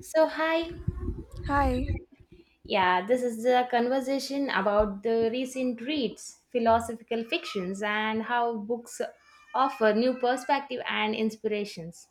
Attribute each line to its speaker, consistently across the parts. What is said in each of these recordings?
Speaker 1: So, hi.
Speaker 2: Hi.
Speaker 1: Yeah, this is the conversation about the recent reads, philosophical fictions, and how books offer new perspective and inspirations.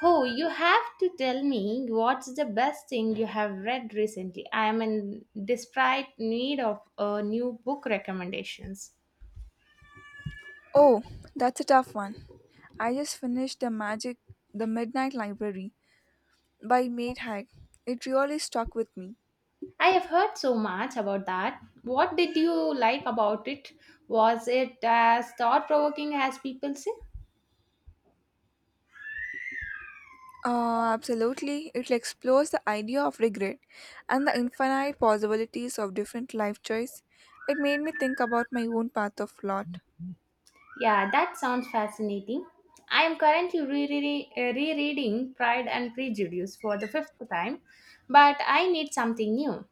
Speaker 1: Oh, you have to tell me what's the best thing you have read recently. I am in desperate need of a new book recommendations.
Speaker 2: Oh, that's a tough one. I just finished The Midnight Library by Maid Haig. It really stuck with me.
Speaker 1: I have heard so much about that. What did you like about it? Was it as thought provoking as people say?
Speaker 2: Absolutely. It explores the idea of regret and the infinite possibilities of different life choice. It made me think about my own path of lot.
Speaker 1: Yeah, that sounds fascinating. I am currently rereading Pride and Prejudice for the fifth time, but I need something new.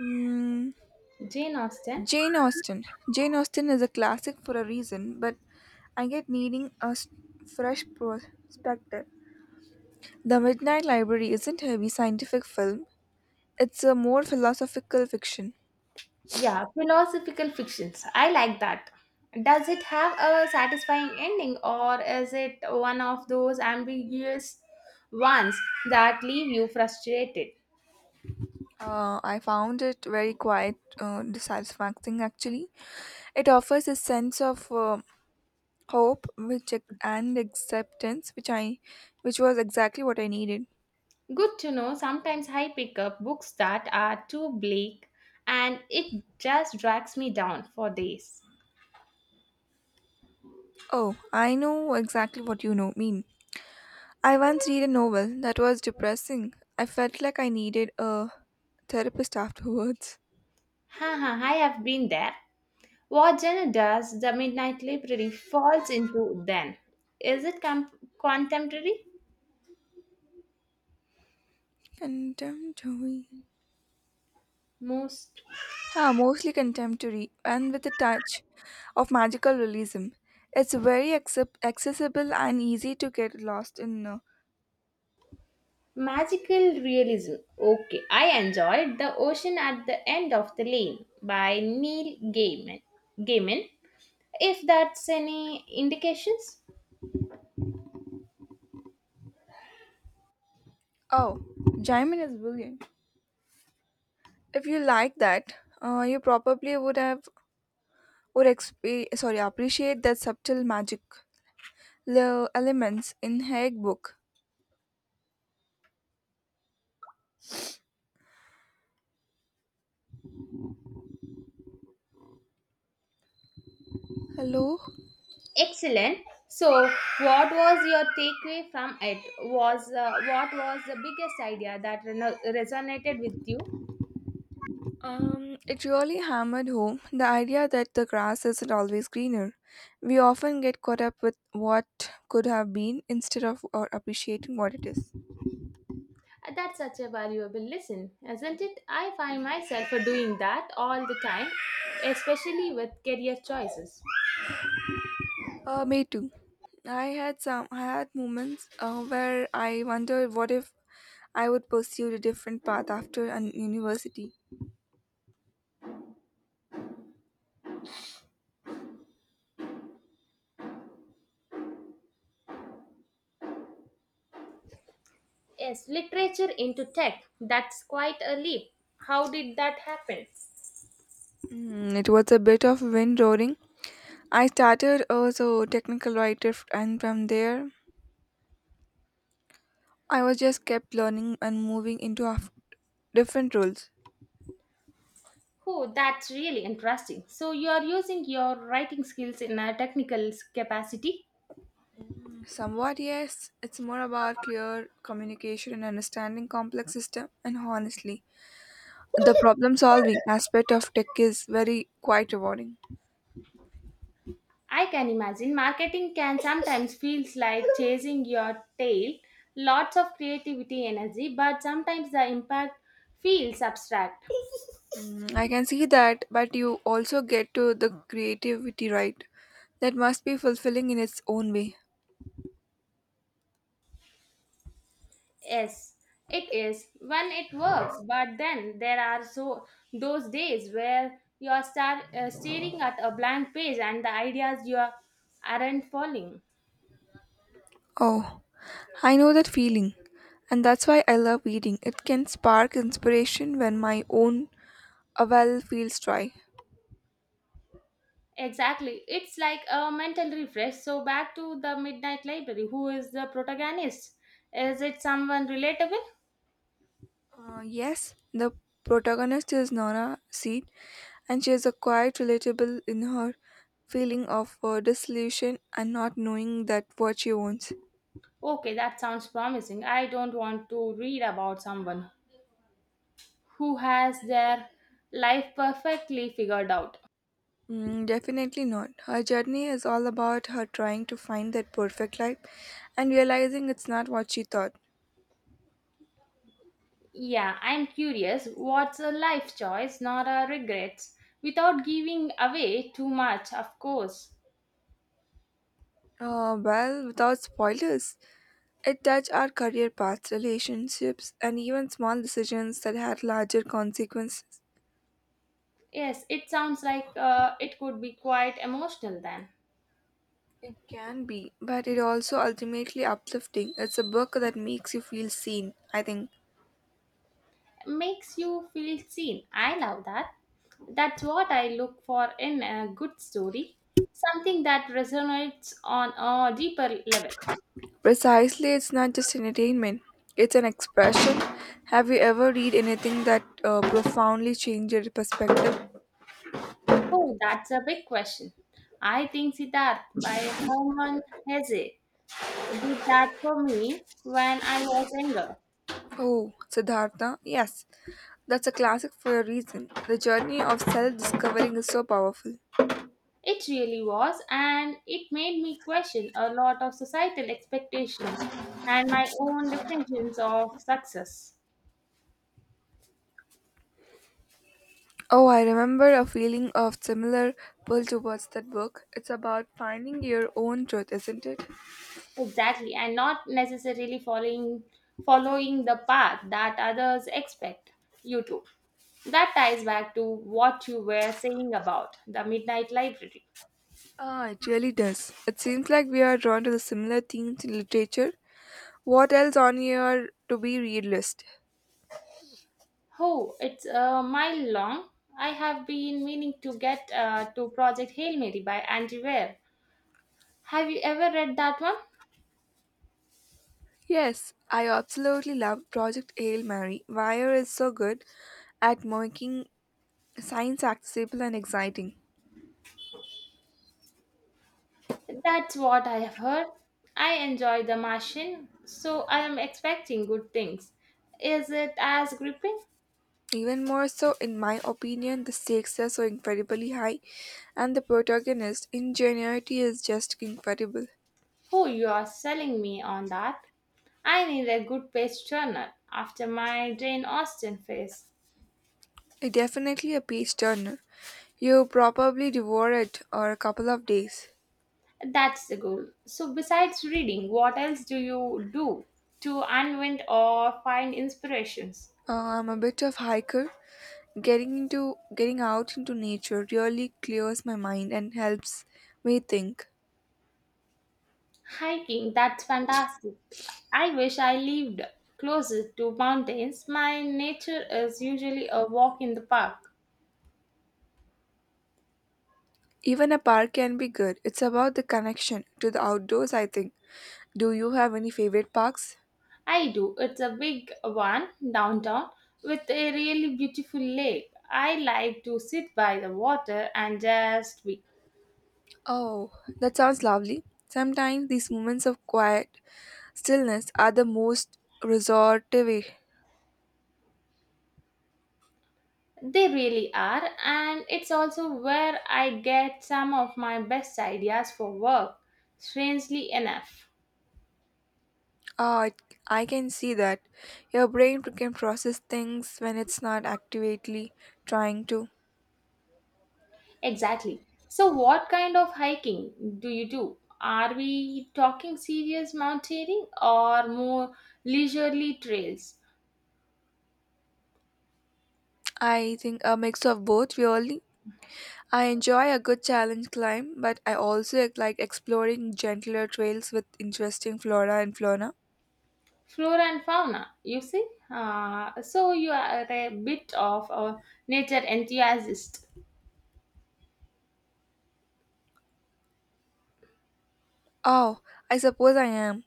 Speaker 2: Mm,
Speaker 1: Jane Austen?
Speaker 2: Jane Austen. Jane Austen is a classic for a reason, but I get needing fresh perspective. The Midnight Library isn't a heavy scientific film, it's a more philosophical fiction.
Speaker 1: Yeah, philosophical fictions. I like that. Does it have a satisfying ending, or is it one of those ambiguous ones that leave you frustrated?
Speaker 2: I found it very quite dissatisfying actually. It offers a sense of hope and acceptance which was exactly what I needed.
Speaker 1: Good to know. Sometimes I pick up books that are too bleak and it just drags me down for days.
Speaker 2: Oh, I know exactly what mean. I once read a novel that was depressing. I felt like I needed a therapist afterwards.
Speaker 1: Haha, I have been there. What Jenna does, the Midnight Library falls into then. Is it contemporary?
Speaker 2: Contemporary.
Speaker 1: Most
Speaker 2: Mostly contemporary and with a touch of magical realism. It's very accessible and easy to get lost in.
Speaker 1: magical realism. Okay, I enjoyed The Ocean at the End of the Lane by Neil Gaiman. Gaiman, if that's any indications.
Speaker 2: Oh, Jaimin is brilliant. If you like that, you probably would have would exp- sorry appreciate that subtle magic elements in Haig book. Hello.
Speaker 1: Excellent. So, what was your takeaway from it? Was what was the biggest idea that resonated with you?
Speaker 2: It really hammered home the idea that the grass isn't always greener. We often get caught up with what could have been instead of or appreciating what it is.
Speaker 1: That's such a valuable lesson, isn't it? I find myself doing that all the time, especially with career choices.
Speaker 2: Me too. I had moments where I wondered what if I would pursue a different path after an university.
Speaker 1: Yes, literature into tech. That's quite a leap. How did that happen?
Speaker 2: Mm, it was a bit of wind roaring. I started as a technical writer, and from there, I was just kept learning and moving into different roles.
Speaker 1: Oh, that's really interesting. So, you are using your writing skills in a technical capacity?
Speaker 2: Somewhat, yes. It's more about clear communication and understanding complex system. And honestly, the problem solving aspect of tech is very quite rewarding.
Speaker 1: I can imagine marketing can sometimes feels like chasing your tail, lots of creativity energy, but sometimes the impact feels abstract.
Speaker 2: Mm, I can see that, but you also get to the creativity right. That must be fulfilling in its own way.
Speaker 1: Yes, it is when it works, but then there are so those days where you are staring at a blank page and the ideas you are, aren't falling.
Speaker 2: Oh, I know that feeling. And that's why I love reading. It can spark inspiration when my own avowal feels dry.
Speaker 1: Exactly, it's like a mental refresh. So back to the midnight library. Who is the protagonist? Is it someone relatable?
Speaker 2: Yes, the protagonist is Nora Seed, and she is a quite relatable in her feeling of disillusion and not knowing that what she wants.
Speaker 1: Okay, that sounds promising. I don't want to read about someone who has their life perfectly figured out.
Speaker 2: Mm, definitely not. Her journey is all about her trying to find that perfect life and realizing it's not what she thought.
Speaker 1: Yeah, I'm curious what's a life choice, not a regret, without giving away too much, of course.
Speaker 2: Well, without spoilers, it touched our career paths, relationships, and even small decisions that had larger consequences.
Speaker 1: Yes, it sounds like it could be quite emotional then.
Speaker 2: It can be, but it also ultimately uplifting. It's a book that makes you feel seen, I think.
Speaker 1: Makes you feel seen. I love that. That's what I look for in a good story, something that resonates on a deeper level.
Speaker 2: Precisely, it's not just entertainment, it's an expression. Have you ever read anything that profoundly changed your perspective?
Speaker 1: Oh, that's a big question. I think Siddharth by Hermann Hesse did that for me when I was younger.
Speaker 2: Oh, Siddhartha, yes. That's a classic for a reason. The journey of self discovering is so powerful.
Speaker 1: It really was, and it made me question a lot of societal expectations and my own definitions of success.
Speaker 2: Oh, I remember a feeling of similar pull towards that book. It's about finding your own truth, isn't it?
Speaker 1: Exactly, and not necessarily following the path that others expect you to. That ties back to what you were saying about the Midnight Library.
Speaker 2: Ah, it really does. It seems like we are drawn to the similar themes in literature. What else on your to be read list?
Speaker 1: Oh, it's a mile long. I have been meaning to get to Project Hail Mary by Andy Weir. Have you ever read that one?
Speaker 2: Yes, I absolutely love Project Hail Mary. Wire is so good at making science accessible and exciting.
Speaker 1: That's what I have heard. I enjoy The Martian, so I am expecting good things. Is it as gripping?
Speaker 2: Even more so, in my opinion, the stakes are so incredibly high, and the protagonist, ingenuity, is just incredible.
Speaker 1: Who you are selling me on that? I need a good page turner after my Jane Austen phase.
Speaker 2: It's definitely a page turner. You probably devour it or a couple of days.
Speaker 1: That's the goal. So besides reading, what else do you do to unwind or find inspirations?
Speaker 2: I'm a bit of hiker. Getting out into nature really clears my mind and helps me think.
Speaker 1: Hiking, that's fantastic. I wish I lived closer to mountains. My nature is usually a walk in the park.
Speaker 2: Even a park can be good. It's about the connection to the outdoors, I think. Do you have any favorite parks?
Speaker 1: I do. It's a big one downtown with a really beautiful lake. I like to sit by the water and just be.
Speaker 2: Oh, that sounds lovely. Sometimes these moments of quiet stillness are the most restorative.
Speaker 1: They really are, and it's also where I get some of my best ideas for work, strangely enough.
Speaker 2: Ah, it I can see that. Your brain can process things when it's not actively trying to.
Speaker 1: Exactly. So, what kind of hiking do you do? Are we talking serious mountaineering or more leisurely trails?
Speaker 2: I think a mix of both really. I enjoy a good challenge climb, but I also like exploring gentler trails with interesting flora and fauna.
Speaker 1: Flora and fauna, you see? So, you are a bit of a nature enthusiast.
Speaker 2: Oh, I suppose I am.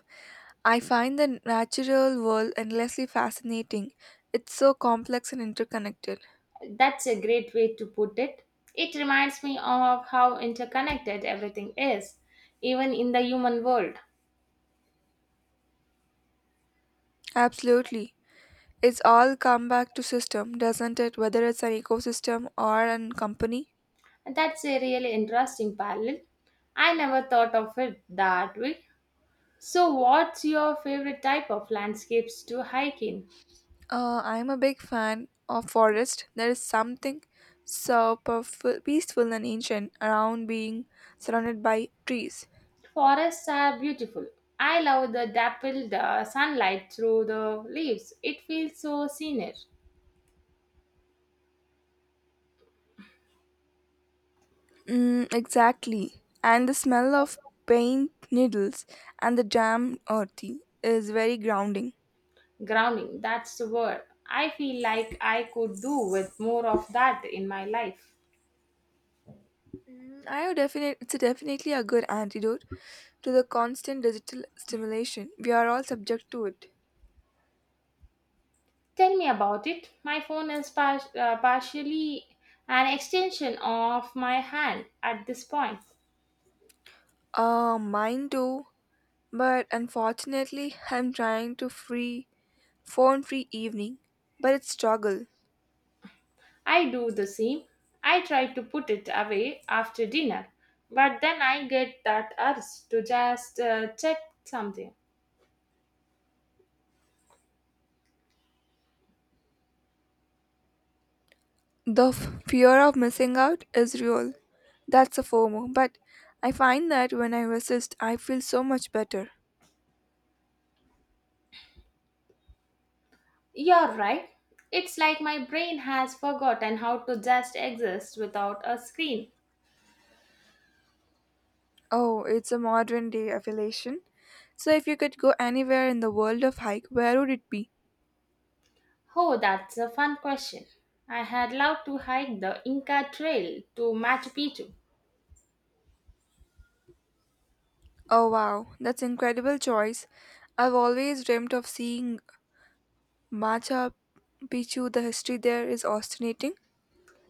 Speaker 2: I find the natural world endlessly fascinating. It's so complex and interconnected.
Speaker 1: That's a great way to put it. It reminds me of how interconnected everything is, even in the human world.
Speaker 2: Absolutely. It's all come back to system, doesn't it? Whether it's an ecosystem or a company.
Speaker 1: That's a really interesting parallel. I never thought of it that way. So, what's your favorite type of landscapes to hike in?
Speaker 2: I'm a big fan of forest. There is something so powerful, peaceful and ancient around being surrounded by trees.
Speaker 1: Forests are beautiful. I love the dappled sunlight through the leaves. It feels so scenic.
Speaker 2: Mm, exactly. And the smell of paint needles and the damp earthy is very grounding.
Speaker 1: Grounding, that's the word. I feel like I could do with more of that in my life.
Speaker 2: Mm, I would definitely it's definitely a good antidote to the constant digital stimulation. We are all subject to it.
Speaker 1: Tell me about it. My phone is partially an extension of my hand at this point.
Speaker 2: Mine too. But unfortunately, I'm trying to free phone free evening, but it's struggle.
Speaker 1: I do the same. I try to put it away after dinner, but then I get that urge to just check something.
Speaker 2: The fear of missing out is real. That's a FOMO, but I find that when I resist, I feel so much better.
Speaker 1: You're right. It's like my brain has forgotten how to just exist without a screen.
Speaker 2: Oh, it's a modern day affiliation. So if you could go anywhere in the world of hike, where would it be?
Speaker 1: Oh, that's a fun question. I had loved to hike the Inca Trail to Machu Picchu.
Speaker 2: Oh wow, that's incredible choice. I've always dreamt of seeing Machu Picchu. The history there is fascinating.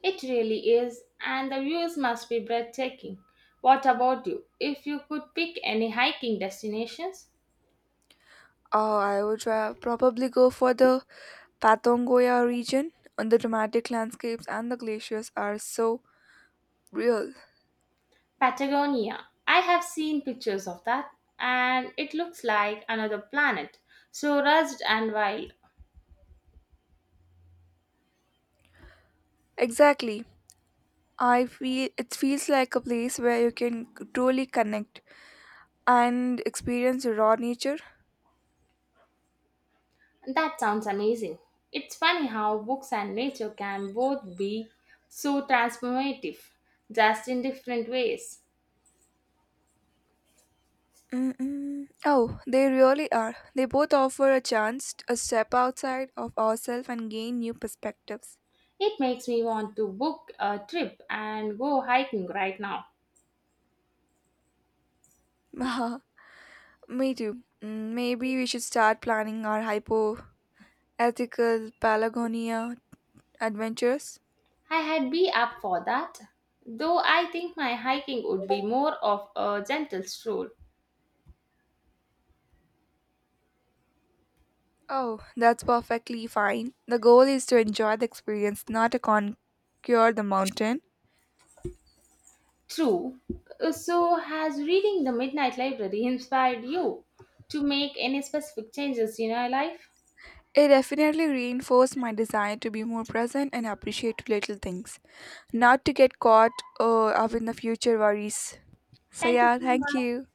Speaker 1: It really is, and the views must be breathtaking. What about you? If you could pick any hiking destinations,
Speaker 2: Oh, I would probably go for the Patongoya region. And the dramatic landscapes and the glaciers are so real.
Speaker 1: Patagonia. I have seen pictures of that and it looks like another planet, so rushed and wild.
Speaker 2: Exactly. I feel it feels like a place where you can truly connect and experience raw nature.
Speaker 1: That sounds amazing. It's funny how books and nature can both be so transformative, just in different ways.
Speaker 2: Mm-mm. Oh, they really are. They both offer a chance to a step outside of ourselves and gain new perspectives.
Speaker 1: It makes me want to book a trip and go hiking right now.
Speaker 2: Haha, me too. Mm, maybe we should start planning our hypo ethical Pelagonia Adventures?
Speaker 1: I had be up for that, though I think my hiking would be more of a gentle stroll.
Speaker 2: Oh, that's perfectly fine. The goal is to enjoy the experience, not to conquer the mountain.
Speaker 1: True. So, has reading The Midnight Library inspired you to make any specific changes in your life?
Speaker 2: It definitely reinforced my desire to be more present and appreciate little things, not to get caught up in the future worries. So,
Speaker 1: Thank you
Speaker 2: yeah,
Speaker 1: so
Speaker 2: thank
Speaker 1: much.
Speaker 2: you.